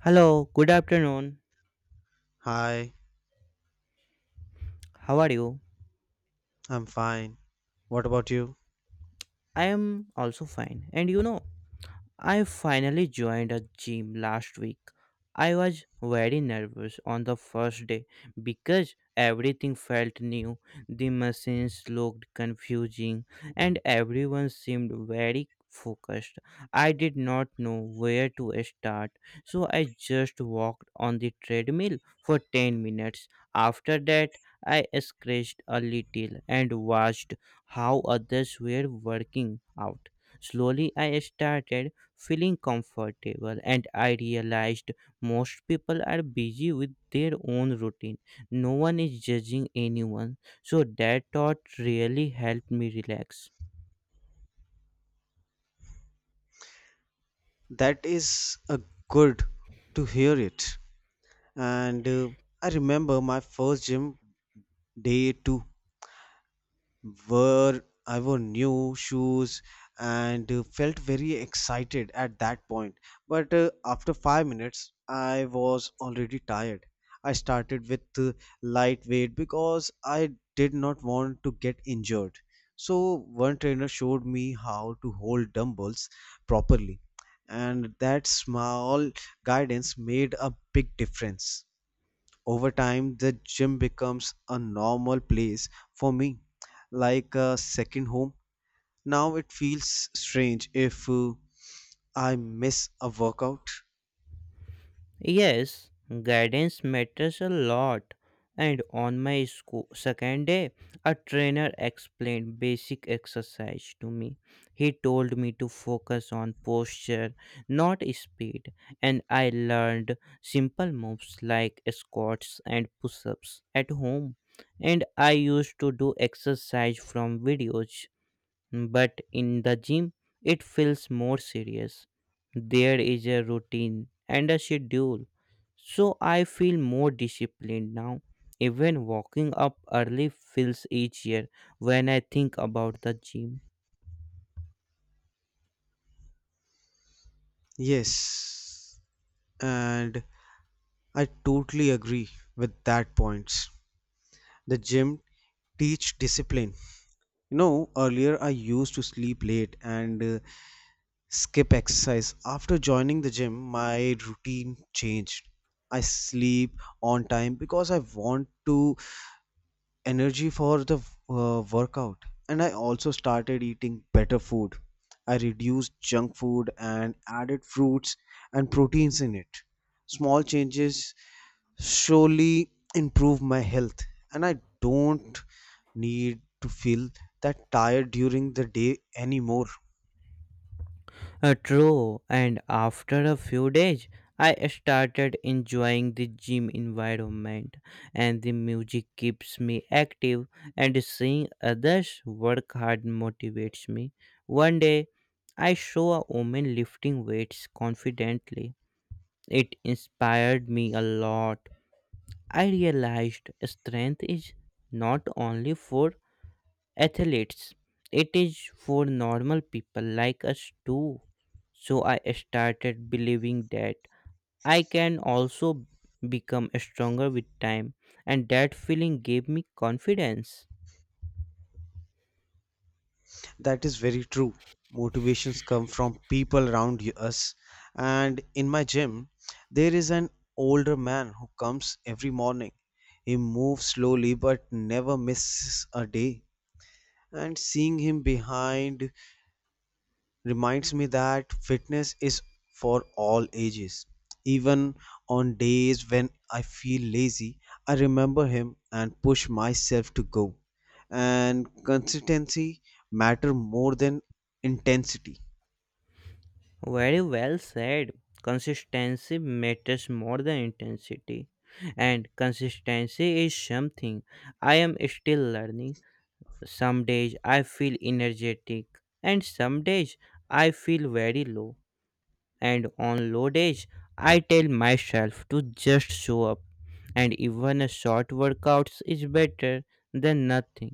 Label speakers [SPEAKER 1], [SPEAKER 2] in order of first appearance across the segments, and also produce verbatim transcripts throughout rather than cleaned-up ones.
[SPEAKER 1] Hello, good afternoon.
[SPEAKER 2] Hi,
[SPEAKER 1] How are you?
[SPEAKER 2] I'm fine. What about you?
[SPEAKER 1] I am also fine. And you know, I finally joined a gym last week. I was very nervous on the first day because everything felt new. The machines looked confusing and everyone seemed very focused. I did not know where to start, so I just walked on the treadmill for ten minutes. After that, I scratched a little and watched how others were working out. Slowly, I started feeling comfortable and I realized most people are busy with their own routine. No one is judging anyone. So that thought really helped me relax.
[SPEAKER 2] That is a good to hear it. And uh, I remember my first gym day too. Wore I wore new shoes and uh, felt very excited at that point. But uh, after five minutes, I was already tired. I started with uh, lightweight because I did not want to get injured. So one trainer showed me how to hold dumbbells properly, and that small guidance made a big difference. Over time the gym becomes a normal place for me, like a second home. Now it feels strange if uh, I miss a workout.
[SPEAKER 1] Yes, guidance matters a lot. And on my school, second day, a trainer explained basic exercise to me. He told me to focus on posture, not speed, and I learned simple moves like squats and push ups at home. And I used to do exercise from videos but in the gym, it feels more serious. There is a routine and a schedule. So I feel more disciplined now. Even walking up early feels easier when I think about the gym.
[SPEAKER 2] Yes, and I totally agree with that point. The gym teach discipline. You know, earlier I used to sleep late and uh, skip exercise. After joining the gym my routine changed. I sleep on time because I want to energy for the uh, workout. And I also started eating better food. I reduced junk food and added fruits and proteins in it. Small changes surely improve my health, and I don't need to feel that tired during the day anymore.
[SPEAKER 1] Uh, true, and after a few days, I started enjoying the gym environment, and the music keeps me active, and seeing others work hard motivates me. One day, I saw a woman lifting weights confidently. It inspired me a lot. I realized strength is not only for athletes. It is for normal people like us too. So I started believing that I can also become stronger with time, and that feeling gave me confidence.
[SPEAKER 2] That is very true. Motivations come from people around y- us. And in my gym, there is an older man who comes every morning. He moves slowly but never misses a day. And seeing him behind reminds me that fitness is for all ages. Even on days when I feel lazy, I remember him and push myself to go. And consistency matter more than intensity.
[SPEAKER 1] Very well said. Consistency matters more than intensity, and consistency is something I am still learning. Some days I feel energetic, and some days I feel very low, and on low days I tell myself to just show up, and even a short workouts is better than nothing.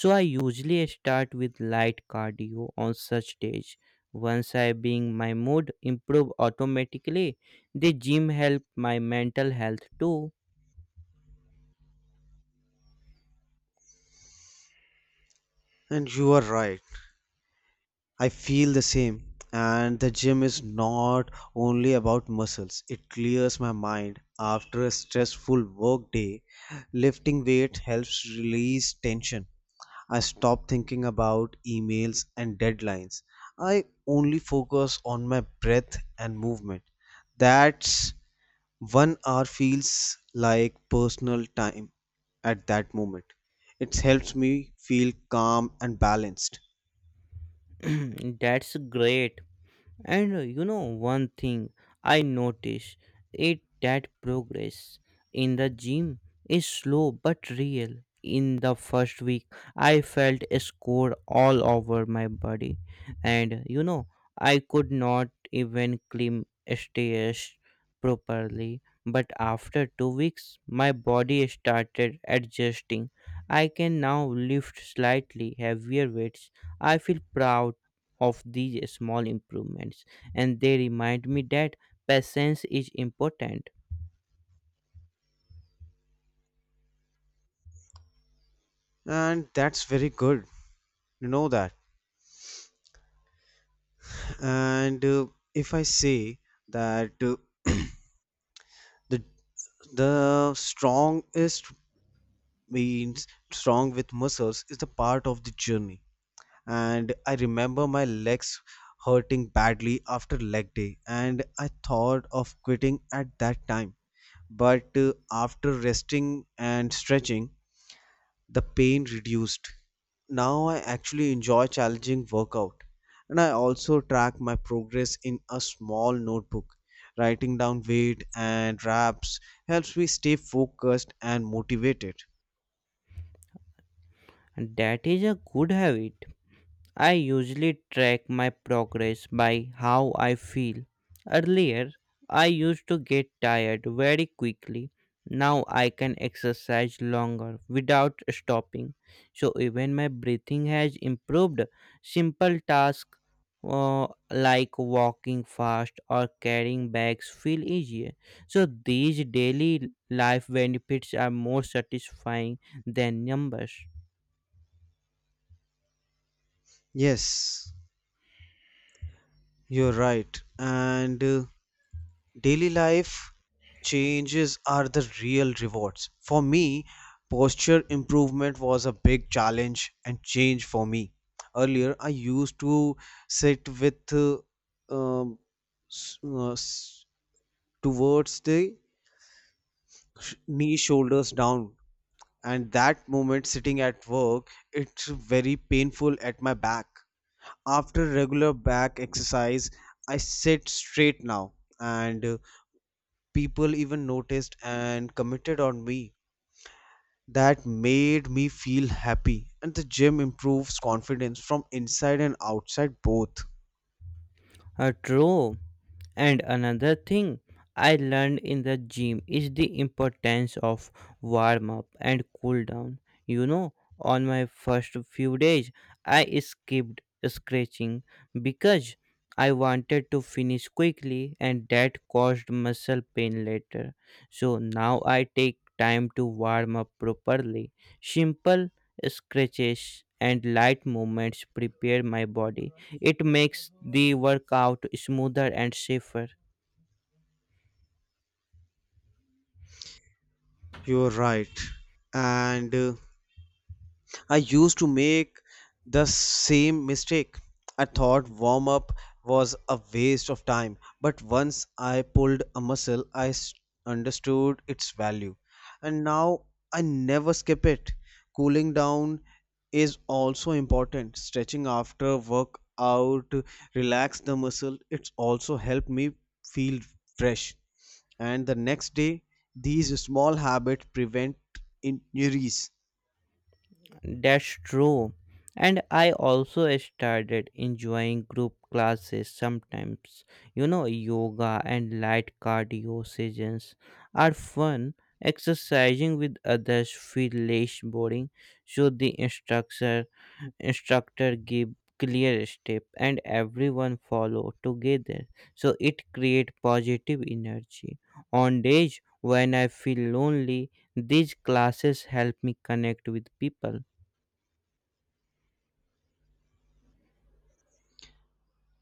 [SPEAKER 1] So I usually start with light cardio on such days. Once I being, my mood improve automatically. The gym help my mental health too.
[SPEAKER 2] And you are right. I feel the same. And the gym is not only about muscles, it clears my mind. After a stressful work day, lifting weight helps release tension. I stop thinking about emails and deadlines. I only focus on my breath and movement. That's one hour feels like personal time at that moment. It helps me feel calm and balanced.
[SPEAKER 1] That's great. And uh, you know, one thing I notice it that progress in the gym is slow but real. In the first week, I felt a score all over my body, and you know, I could not even climb stairs properly, but after two weeks my body started adjusting. I can now lift slightly heavier weights. I feel proud of these small improvements, and they remind me that patience is important.
[SPEAKER 2] And that's very good. You know that. And uh, if I say that, uh, the the strongest means strong with muscles is the part of the journey. And I remember my legs hurting badly after leg day, and I thought of quitting at that time. But uh, after resting and stretching the pain reduced. Now I actually enjoy challenging workout. And I also track my progress in a small notebook. Writing down weight and reps helps me stay focused and motivated.
[SPEAKER 1] And that is a good habit. I usually track my progress by how I feel. Earlier, I used to get tired very quickly. Now I can exercise longer without stopping. So even my breathing has improved. Simple tasks uh, like walking fast or carrying bags feel easier. So these daily life benefits are more satisfying than numbers.
[SPEAKER 2] Yes, you're right. And uh, daily life changes are the real rewards. For me, posture improvement was a big challenge and change for me. Earlier, I used to sit with uh, um, s- uh, s- towards the knee shoulders down, and that moment sitting at work, it's very painful at my back. After regular back exercise, I sit straight now, and uh, people even noticed and committed on me. That made me feel happy, and the gym improves confidence from inside and outside both.
[SPEAKER 1] Uh, true. And another thing I learned in the gym is the importance of warm up and cool down. You know, on my first few days, I skipped scratching because I wanted to finish quickly, and that caused muscle pain later. So now I take time to warm up properly. Simple scratches and light movements prepare my body. It makes the workout smoother and safer.
[SPEAKER 2] You're right. And uh, I used to make the same mistake. I thought warm up was a waste of time, but once I pulled a muscle, I s- understood its value. And now I never skip it. Cooling down is also important. Stretching after workout, relax the muscle. It's also helped me feel fresh. And the next day, these small habits prevent injuries.
[SPEAKER 1] That's true. And I also started enjoying group classes sometimes. You know, yoga and light cardio sessions are fun. Exercising with others feel less boring, so the instructor instructor give clear step and everyone follow together, so it create positive energy. On days when I feel lonely, these classes help me connect with people.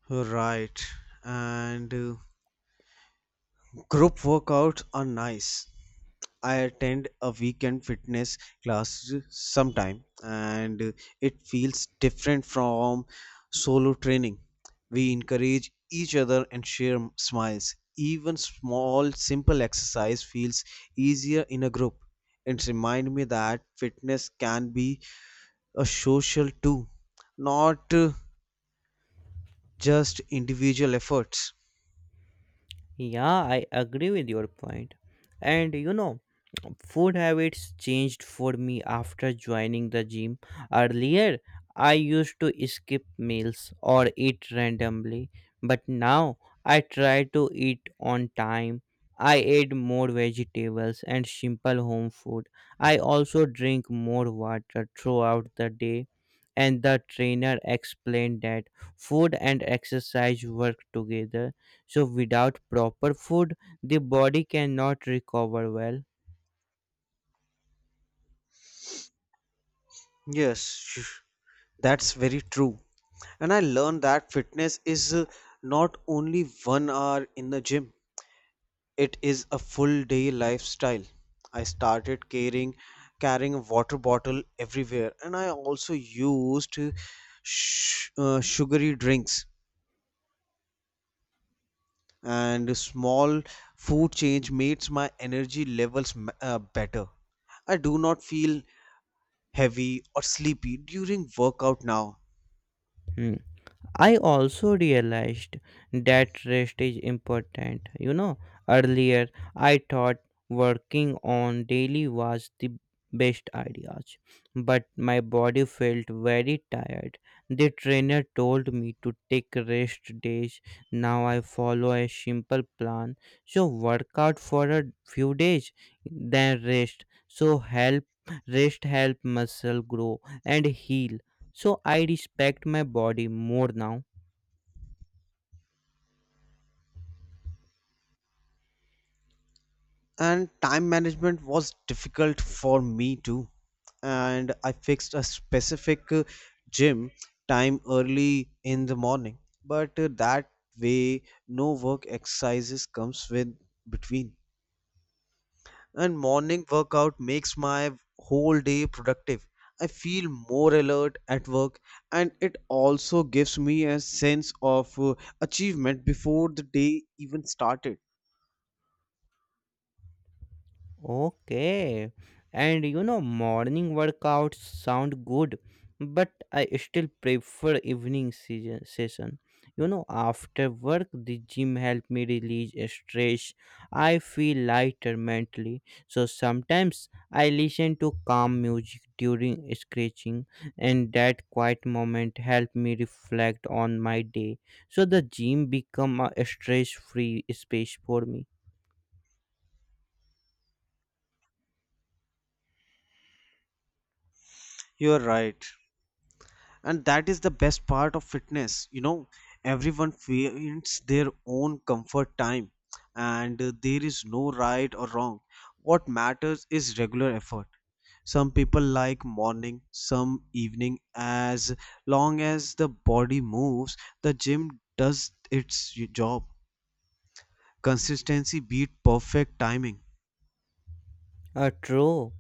[SPEAKER 2] Right. And uh, group workouts are nice. I attend a weekend fitness class sometime, and uh, it feels different from solo training. We encourage each other and share m- smiles. Even small, simple exercise feels easier in a group. It reminds me that fitness can be a social too, not uh, just individual efforts.
[SPEAKER 1] Yeah, I agree with your point. And you know, food habits changed for me after joining the gym. Earlier, I used to skip meals or eat randomly, but now I try to eat on time. I eat more vegetables and simple home food. I also drink more water throughout the day, and the trainer explained that food and exercise work together. So, without proper food, the body cannot recover well.
[SPEAKER 2] Yes, that's very true. And I learned that fitness is uh, not only one hour in the gym, it is a full day lifestyle. I started carrying carrying a water bottle everywhere, and I also used uh, sh- uh, sugary drinks and small food change makes my energy levels m- uh, better. I do not feel heavy or sleepy during workout now.
[SPEAKER 1] Hmm. I also realized that rest is important. You know, earlier I thought working on daily was the best ideas, but my body felt very tired. The trainer told me to take rest days. Now I follow a simple plan. So workout for a few days, then rest. So help rest help muscle grow and heal, so I respect my body more now.
[SPEAKER 2] And time management was difficult for me too. And I fixed a specific uh, gym time early in the morning. But uh, that way no work exercises comes with between. And morning workout makes my whole day productive. I feel more alert at work, and it also gives me a sense of uh, achievement before the day even started.
[SPEAKER 1] Okay. And you know, morning workouts sound good, but I still prefer evening season, session. You know, after work, the gym help me release stress. I feel lighter mentally. So sometimes I listen to calm music during stretching, and that quiet moment help me reflect on my day. So the gym become a stress-free space for me.
[SPEAKER 2] You're right, and that is the best part of fitness. You know, everyone finds their own comfort time. And uh, there is no right or wrong. What matters is regular effort. Some people like morning, some evening. As long as the body moves, the gym does its job. Consistency beat perfect timing.
[SPEAKER 1] Uh, true.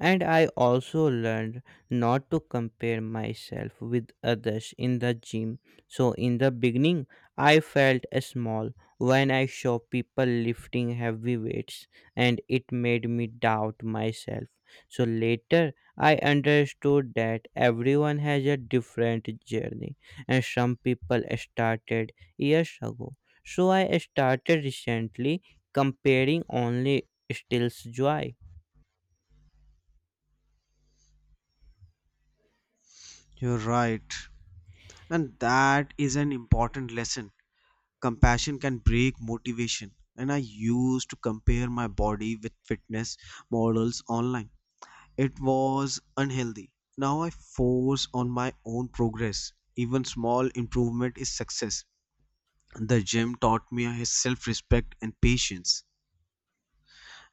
[SPEAKER 1] And I also learned not to compare myself with others in the gym. So, in the beginning, I felt small when I saw people lifting heavy weights, and it made me doubt myself. So, later, I understood that everyone has a different journey, and some people started years ago. So, I started recently comparing only stills joy.
[SPEAKER 2] You're right, and that is an important lesson. Compassion can break motivation. And I used to compare my body with fitness models online. It was unhealthy. Now I force on my own progress. Even small improvement is success. The gym taught me self respect and patience.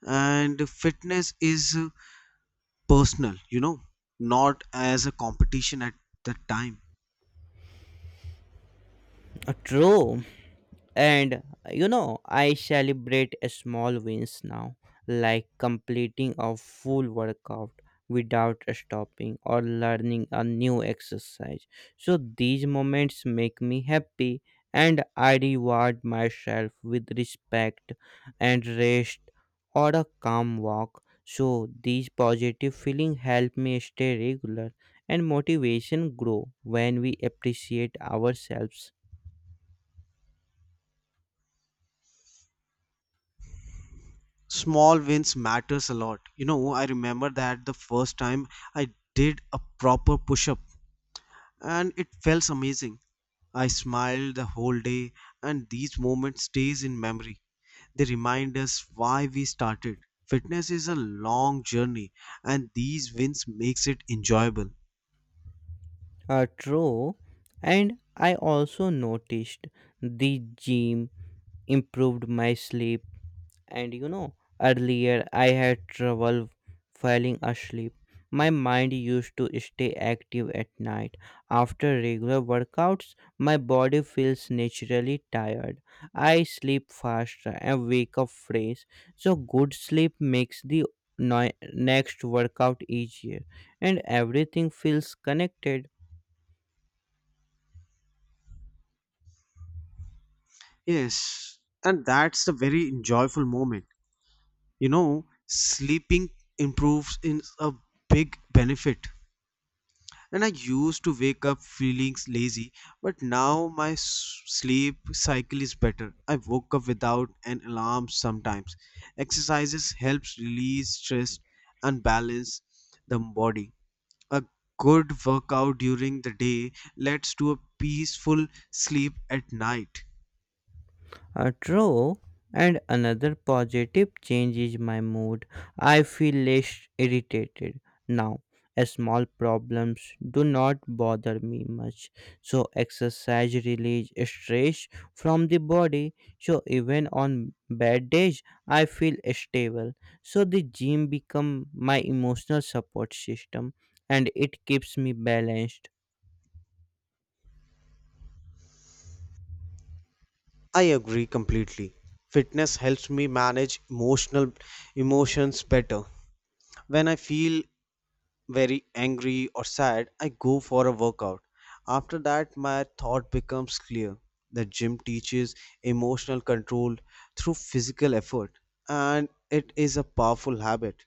[SPEAKER 2] And fitness is uh, personal, you know, not as a competition at that time.
[SPEAKER 1] Uh, True. And you know, I celebrate a small wins now, like completing a full workout without stopping or learning a new exercise. So these moments make me happy, and I reward myself with respect and rest or a calm walk. So these positive feelings help me stay regular, and motivation grow when we appreciate ourselves.
[SPEAKER 2] Small wins matters a lot. You know, I remember that the first time I did a proper push up and it felt amazing. I smiled the whole day, and these moments stays in memory. They remind us why we started. Fitness is a long journey, and these wins makes it enjoyable.
[SPEAKER 1] Uh, true. And I also noticed the gym improved my sleep. And you know, earlier I had trouble falling asleep. My mind used to stay active at night. After regular workouts, my body feels naturally tired. I sleep faster and wake up fresh. So, good sleep makes the noi- next workout easier, and everything feels connected.
[SPEAKER 2] Yes, and that's a very enjoyable moment. You know, sleeping improves in a big benefit. And I used to wake up feeling lazy, but now my s- sleep cycle is better. I woke up without an alarm sometimes. Exercises helps release stress and balance the body. A good workout during the day leads to a peaceful sleep at night.
[SPEAKER 1] Uh, true. And another positive change is my mood. I feel less irritated now. As small problems do not bother me much. So, exercise relieves stress from the body. So, even on bad days, I feel stable. So, the gym become my emotional support system, and it keeps me balanced.
[SPEAKER 2] I agree completely. Fitness helps me manage emotional emotions better. When I feel very angry or sad, I go for a workout. After that, my thought becomes clear. The gym teaches emotional control through physical effort, and it is a powerful habit.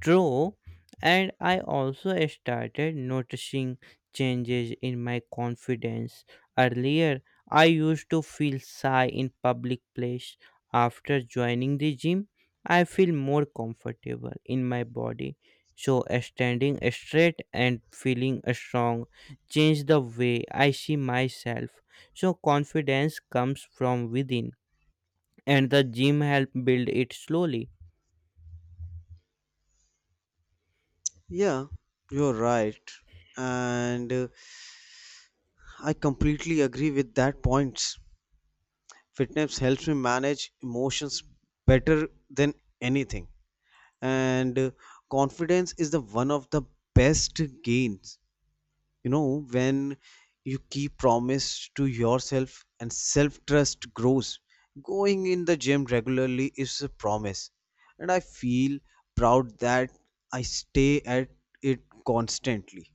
[SPEAKER 1] True, and I also started noticing changes in my confidence. Earlier, I used to feel shy in public place. After joining the gym, I feel more comfortable in my body. So, standing straight and feeling strong changed the way I see myself. So, confidence comes from within, and the gym helped build it slowly.
[SPEAKER 2] Yeah, you're right. And uh, I completely agree with that points. Fitness helps me manage emotions better than anything. And uh, confidence is the one of the best gains. You know, when you keep promise to yourself, and self trust grows. Going in the gym regularly is a promise, and I feel proud that I stay at it constantly.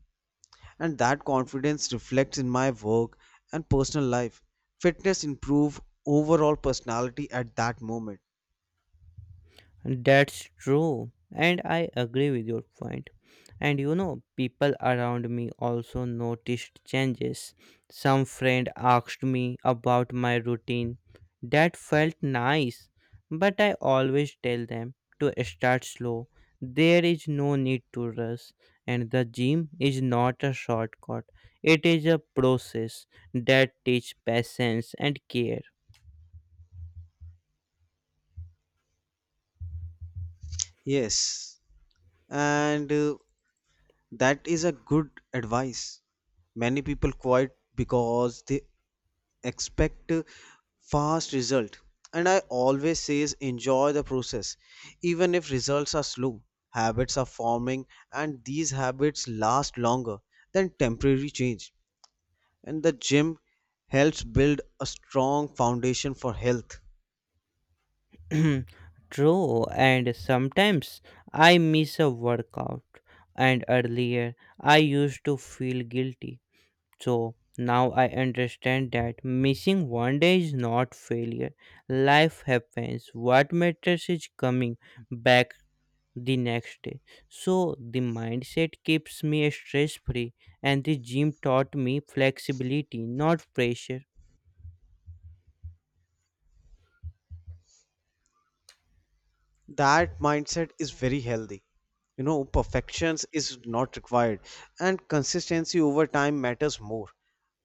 [SPEAKER 2] And that confidence reflects in my work and personal life. Fitness improve overall personality at that moment.
[SPEAKER 1] That's true. And I agree with your point. And you know, people around me also noticed changes. Some friend asked me about my routine. That felt nice. But I always tell them to start slow. There is no need to rush. And the gym is not a shortcut. It is a process that teaches patience and care.
[SPEAKER 2] Yes, and uh, that is a good advice. Many people quit because they expect a fast result. And I always says enjoy the process. Even if results are slow, habits are forming. And these habits last longer than temporary change. And the gym helps build a strong foundation for health.
[SPEAKER 1] True, and sometimes I miss a workout, and earlier I used to feel guilty. So now I understand that missing one day is not failure. Life happens. What matters is coming back the next day. So the mindset keeps me stress free, and the gym taught me flexibility, not pressure.
[SPEAKER 2] That mindset is very healthy. You know, perfections is not required, and consistency over time matters more.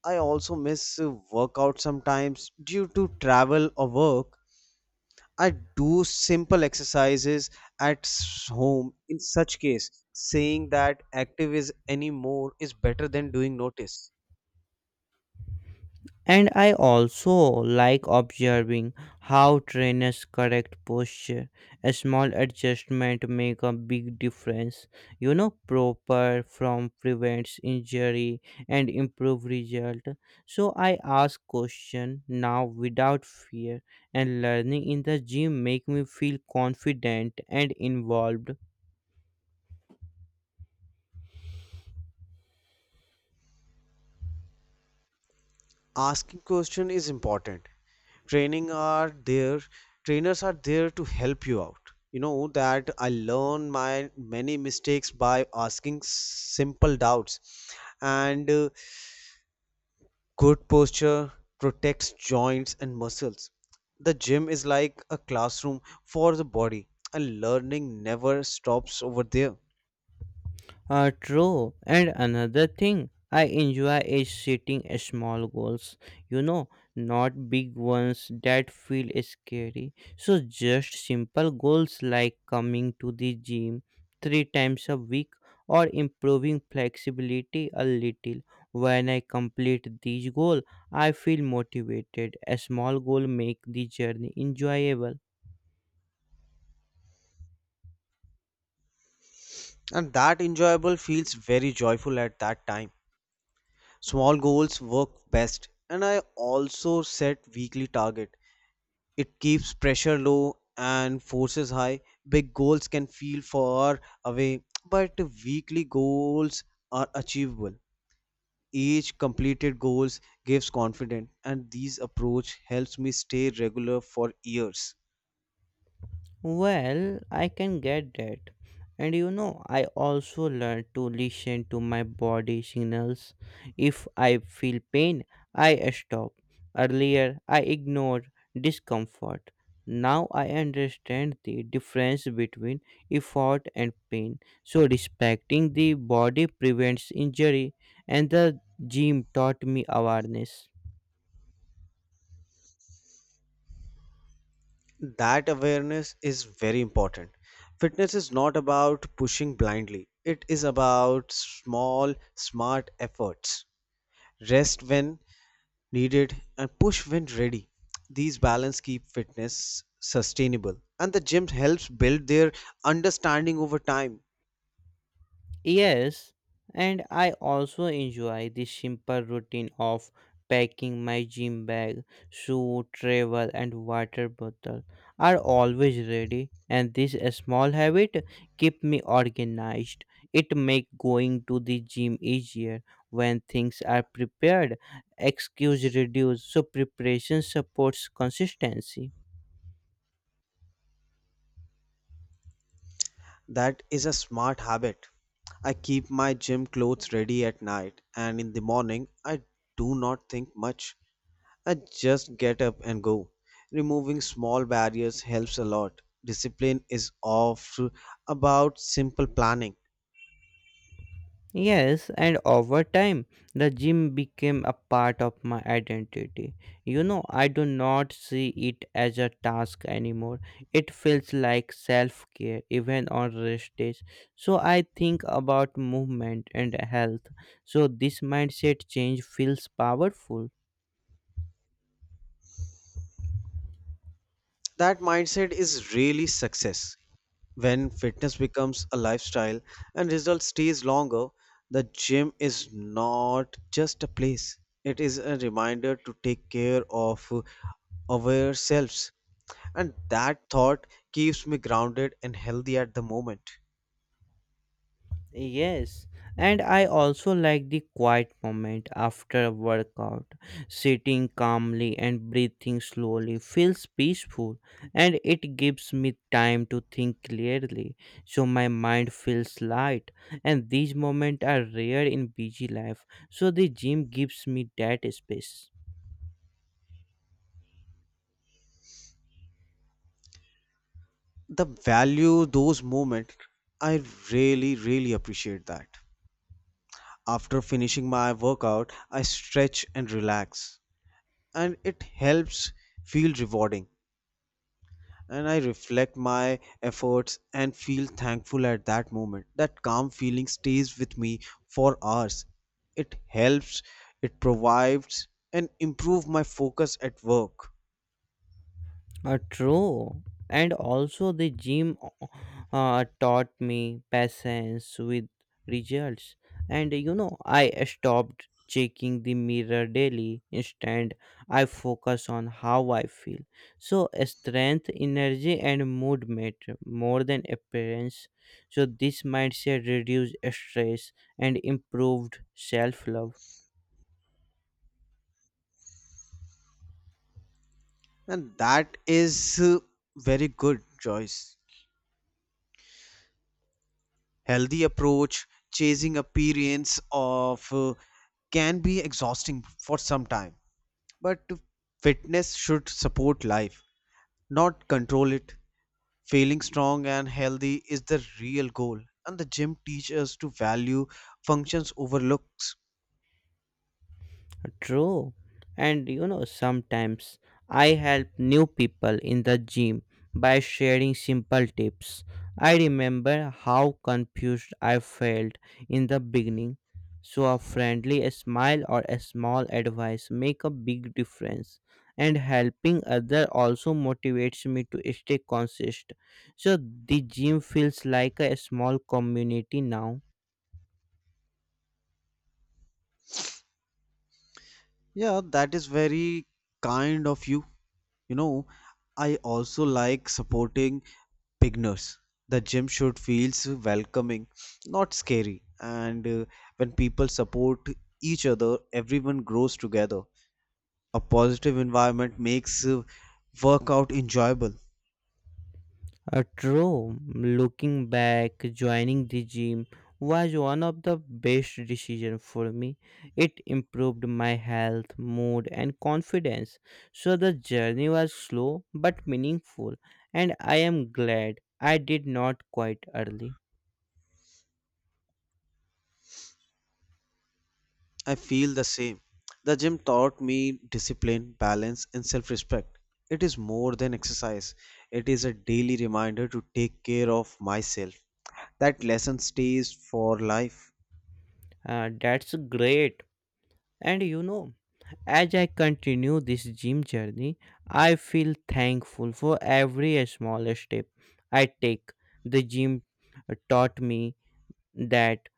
[SPEAKER 2] I also miss uh, workout sometimes due to travel or work. I do simple exercises at s- home. In such case, saying that active is anymore is better than doing notice.
[SPEAKER 1] And I also like observing how trainers correct posture. A small adjustment make a big difference. You know, proper from prevents injury and improve result. So I ask question now without fear, and learning in the gym make me feel confident and involved.
[SPEAKER 2] Asking question is important. Training are there. Trainers are there to help you out. You know that I learn my many mistakes by asking simple doubts. And uh, good posture protects joints and muscles. The gym is like a classroom for the body, and learning never stops over there.
[SPEAKER 1] Uh, true. And another thing I enjoy is setting small goals, you know, not big ones that feel scary. So, just simple goals like coming to the gym three times a week or improving flexibility a little. When I complete these goals, I feel motivated. A small goal make the journey enjoyable.
[SPEAKER 2] And that enjoyable feels very joyful at that time. Small goals work best, and I also set weekly target. It keeps pressure low and forces high. Big goals can feel far away, but weekly goals are achievable. Each completed goals gives confidence, and these approach helps me stay regular for years.
[SPEAKER 1] Well, I can get that. And you know, I also learned to listen to my body signals. If I feel pain, I stop. Earlier, I ignored discomfort. Now I understand the difference between effort and pain. So, respecting the body prevents injury, and the gym taught me awareness.
[SPEAKER 2] That awareness is very important. Fitness is not about pushing blindly, it is about small smart efforts. Rest when needed and push when ready. These balance keep fitness sustainable, and the gym helps build their understanding over time.
[SPEAKER 1] Yes, and I also enjoy the simple routine of packing my gym bag, shoe, travel, and water bottle are always ready, and this small habit keep me organized. It make going to the gym easier when things are prepared. Excuse reduce, so preparation supports consistency.
[SPEAKER 2] That is a smart habit. I keep my gym clothes ready at night, and in the morning, I do not think much. I just get up and go. Removing small barriers helps a lot. Discipline is of about simple planning.
[SPEAKER 1] Yes, and over time, the gym became a part of my identity. You know, I do not see it as a task anymore. It feels like self care, even on rest days. So I think about movement and health. So this mindset change feels powerful.
[SPEAKER 2] That mindset is really success. When fitness becomes a lifestyle and result stays longer, the gym is not just a place. It is a reminder to take care of uh, ourselves. And that thought keeps me grounded and healthy at the moment.
[SPEAKER 1] Yes, and I also like the quiet moment after a workout. Sitting calmly and breathing slowly feels peaceful, and it gives me time to think clearly, so my mind feels light, and these moments are rare in busy life, so the gym gives me that space.
[SPEAKER 2] The value those moments, I really, really appreciate that. After finishing my workout, I stretch and relax, and it helps feel rewarding. And I reflect my efforts and feel thankful at that moment. That calm feeling stays with me for hours. It helps, it provides and improve my focus at work.
[SPEAKER 1] Uh, true. And also, the gym uh, taught me patience with results. And you know, I stopped checking the mirror daily. Instead, I focus on how I feel. So, strength, energy, and mood matter more than appearance. So, this mindset reduced stress and improved self love.
[SPEAKER 2] And that is uh, very good choice. Healthy approach chasing appearance of uh, can be exhausting for some time, but fitness should support life, not control it. Feeling strong and healthy is the real goal, and the gym teaches us to value functions over looks.
[SPEAKER 1] True. And you know, sometimes I help new people in the gym by sharing simple tips. I remember how confused I felt in the beginning. So, a friendly smile or a small advice make a big difference. And helping other also motivates me to stay consistent. So, the gym feels like a small community now.
[SPEAKER 2] Yeah, that is very kind of you. You know, I also like supporting beginners. The gym should feels welcoming, not scary. And uh, when people support each other, everyone grows together. A positive environment makes uh, workout enjoyable.
[SPEAKER 1] Uh, true. Looking back, joining the gym was one of the best decisions for me. It improved my health, mood, and confidence. So the journey was slow but meaningful, and I am glad I did not quit early.
[SPEAKER 2] I feel the same. The gym taught me discipline, balance, and self respect. It is more than exercise, it is a daily reminder to take care of myself. That lesson stays for life.
[SPEAKER 1] Uh, that's great. And you know, as I continue this gym journey, I feel thankful for every small step I take. The gym taught me that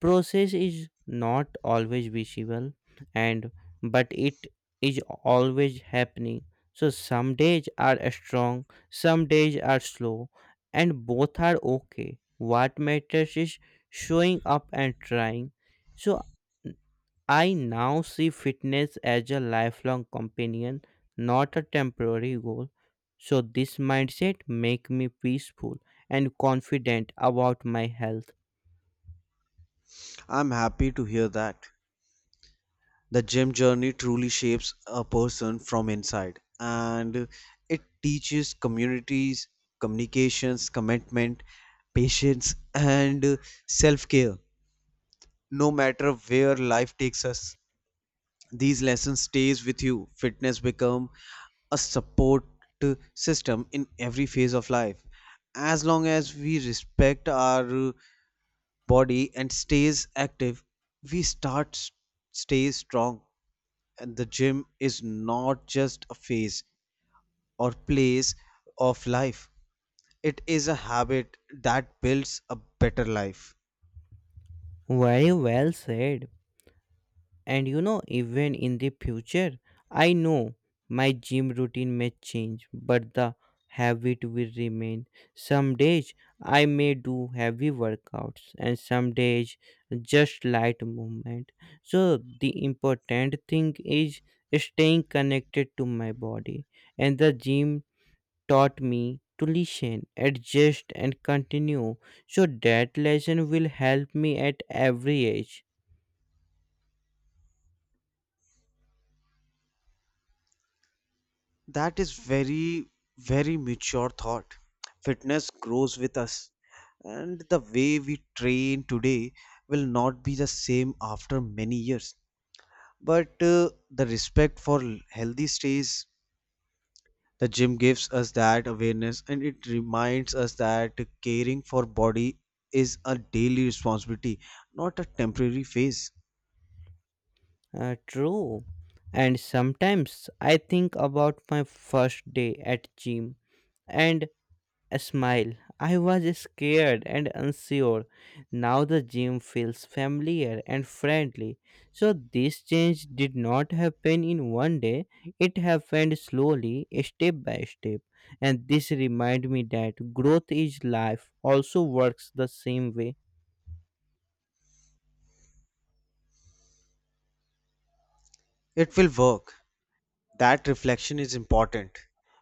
[SPEAKER 1] process is not always visible, and but it is always happening. So some days are strong, some days are slow, and both are okay. What matters is showing up and trying. So I now see fitness as a lifelong companion, not a temporary goal. So this mindset make me peaceful and confident about my health.
[SPEAKER 2] I'm happy to hear that. The gym journey truly shapes a person from inside, and it teaches communities, communications, commitment, patience, and self care, no matter where life takes us. These lessons stays with you. Fitness become a support system in every phase of life. As long as we respect our body and stays active, we start s- stay strong. And the gym is not just a phase or place of life, it is a habit that builds a better life.
[SPEAKER 1] Very well said. And you know, even in the future, I know my gym routine may change, but the habit will remain. Some days I may do heavy workouts, and some days just light movement. So, the important thing is staying connected to my body, and the gym taught me to listen, adjust, and continue. So, that lesson will help me at every age.
[SPEAKER 2] That is very, very mature thought. Fitness grows with us, and the way we train today will not be the same after many years. But uh, the respect for l- healthy stays. The gym gives us that awareness, and it reminds us that caring for body is a daily responsibility, not a temporary phase.
[SPEAKER 1] Uh, true. And sometimes I think about my first day at gym and a smile. I was scared and unsure. Now the gym feels familiar and friendly. So this change did not happen in one day. It happened slowly, step by step. And this remind me that growth is life also works the same way.
[SPEAKER 2] It will work. That reflection is important.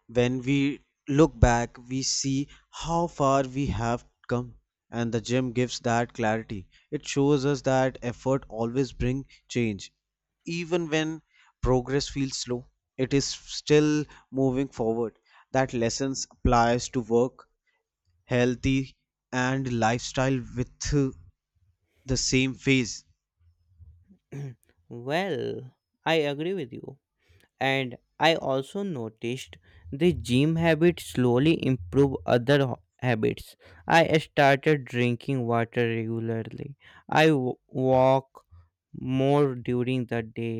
[SPEAKER 2] When we look back, we see how far we have come, and the gym gives that clarity. It shows us that effort always brings change. Even when progress feels slow, it is still moving forward. That lesson applies to work, healthy, and lifestyle with uh, the same phase.
[SPEAKER 1] Well, I agree with you. And I also noticed the gym habit slowly improve other ho- habits. I started drinking water regularly. I w- walk more during the day,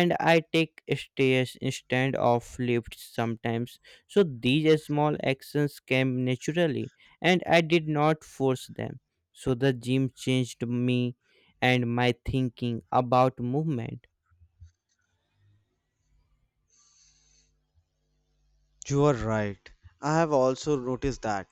[SPEAKER 1] and I take stairs instead of lifts sometimes. So these small actions came naturally, and I did not force them. So the gym changed me and my thinking about movement.
[SPEAKER 2] You are right. I have also noticed that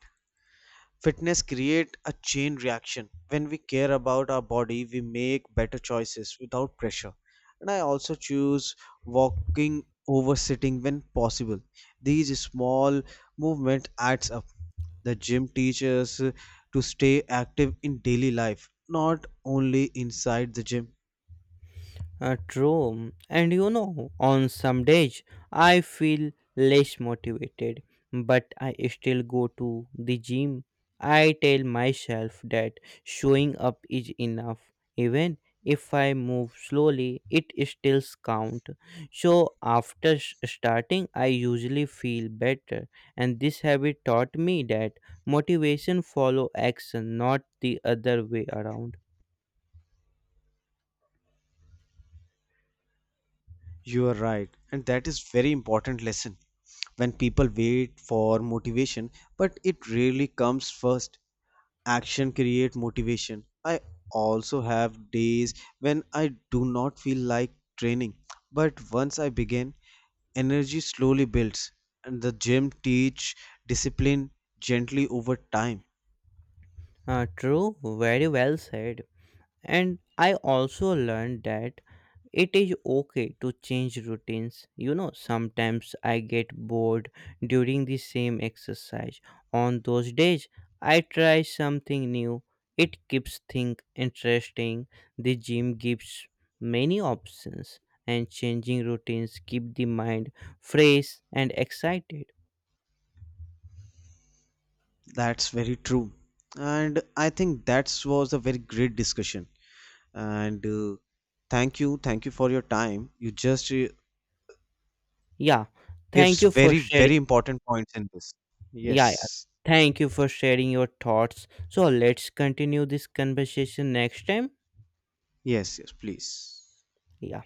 [SPEAKER 2] fitness create a chain reaction. When we care about our body, we make better choices without pressure. And I also choose walking over sitting when possible. These small movement adds up. The gym teaches to stay active in daily life, not only inside the gym.
[SPEAKER 1] Uh, true. And you know, on some days I feel less motivated, but I still go to the gym. I tell myself that showing up is enough. Even if I move slowly, it still counts. So after s- starting, I usually feel better. And this habit taught me that motivation follow action, not the other way around.
[SPEAKER 2] You are right, and that is very important lesson. When people wait for motivation, but it really comes first. Action create motivation. I also have days when I do not feel like training, but once I begin energy slowly builds. And the gym teach discipline gently over time.
[SPEAKER 1] Uh, true, very well said. And I also learned that it is okay to change routines. You know, sometimes I get bored during the same exercise. On those days I try something new. It keeps things interesting. The gym gives many options, and changing routines keep the mind fresh and excited.
[SPEAKER 2] That's very true. And I think that was a very great discussion. And uh, thank you thank you for your time. You just uh,
[SPEAKER 1] Yeah, thank
[SPEAKER 2] gives
[SPEAKER 1] you for
[SPEAKER 2] very
[SPEAKER 1] sharing.
[SPEAKER 2] very important points in this.
[SPEAKER 1] Yeah, yeah.
[SPEAKER 2] Yes,
[SPEAKER 1] Thank you for sharing your thoughts. So let's continue this conversation next time.
[SPEAKER 2] yes, yes, please.
[SPEAKER 1] Yeah.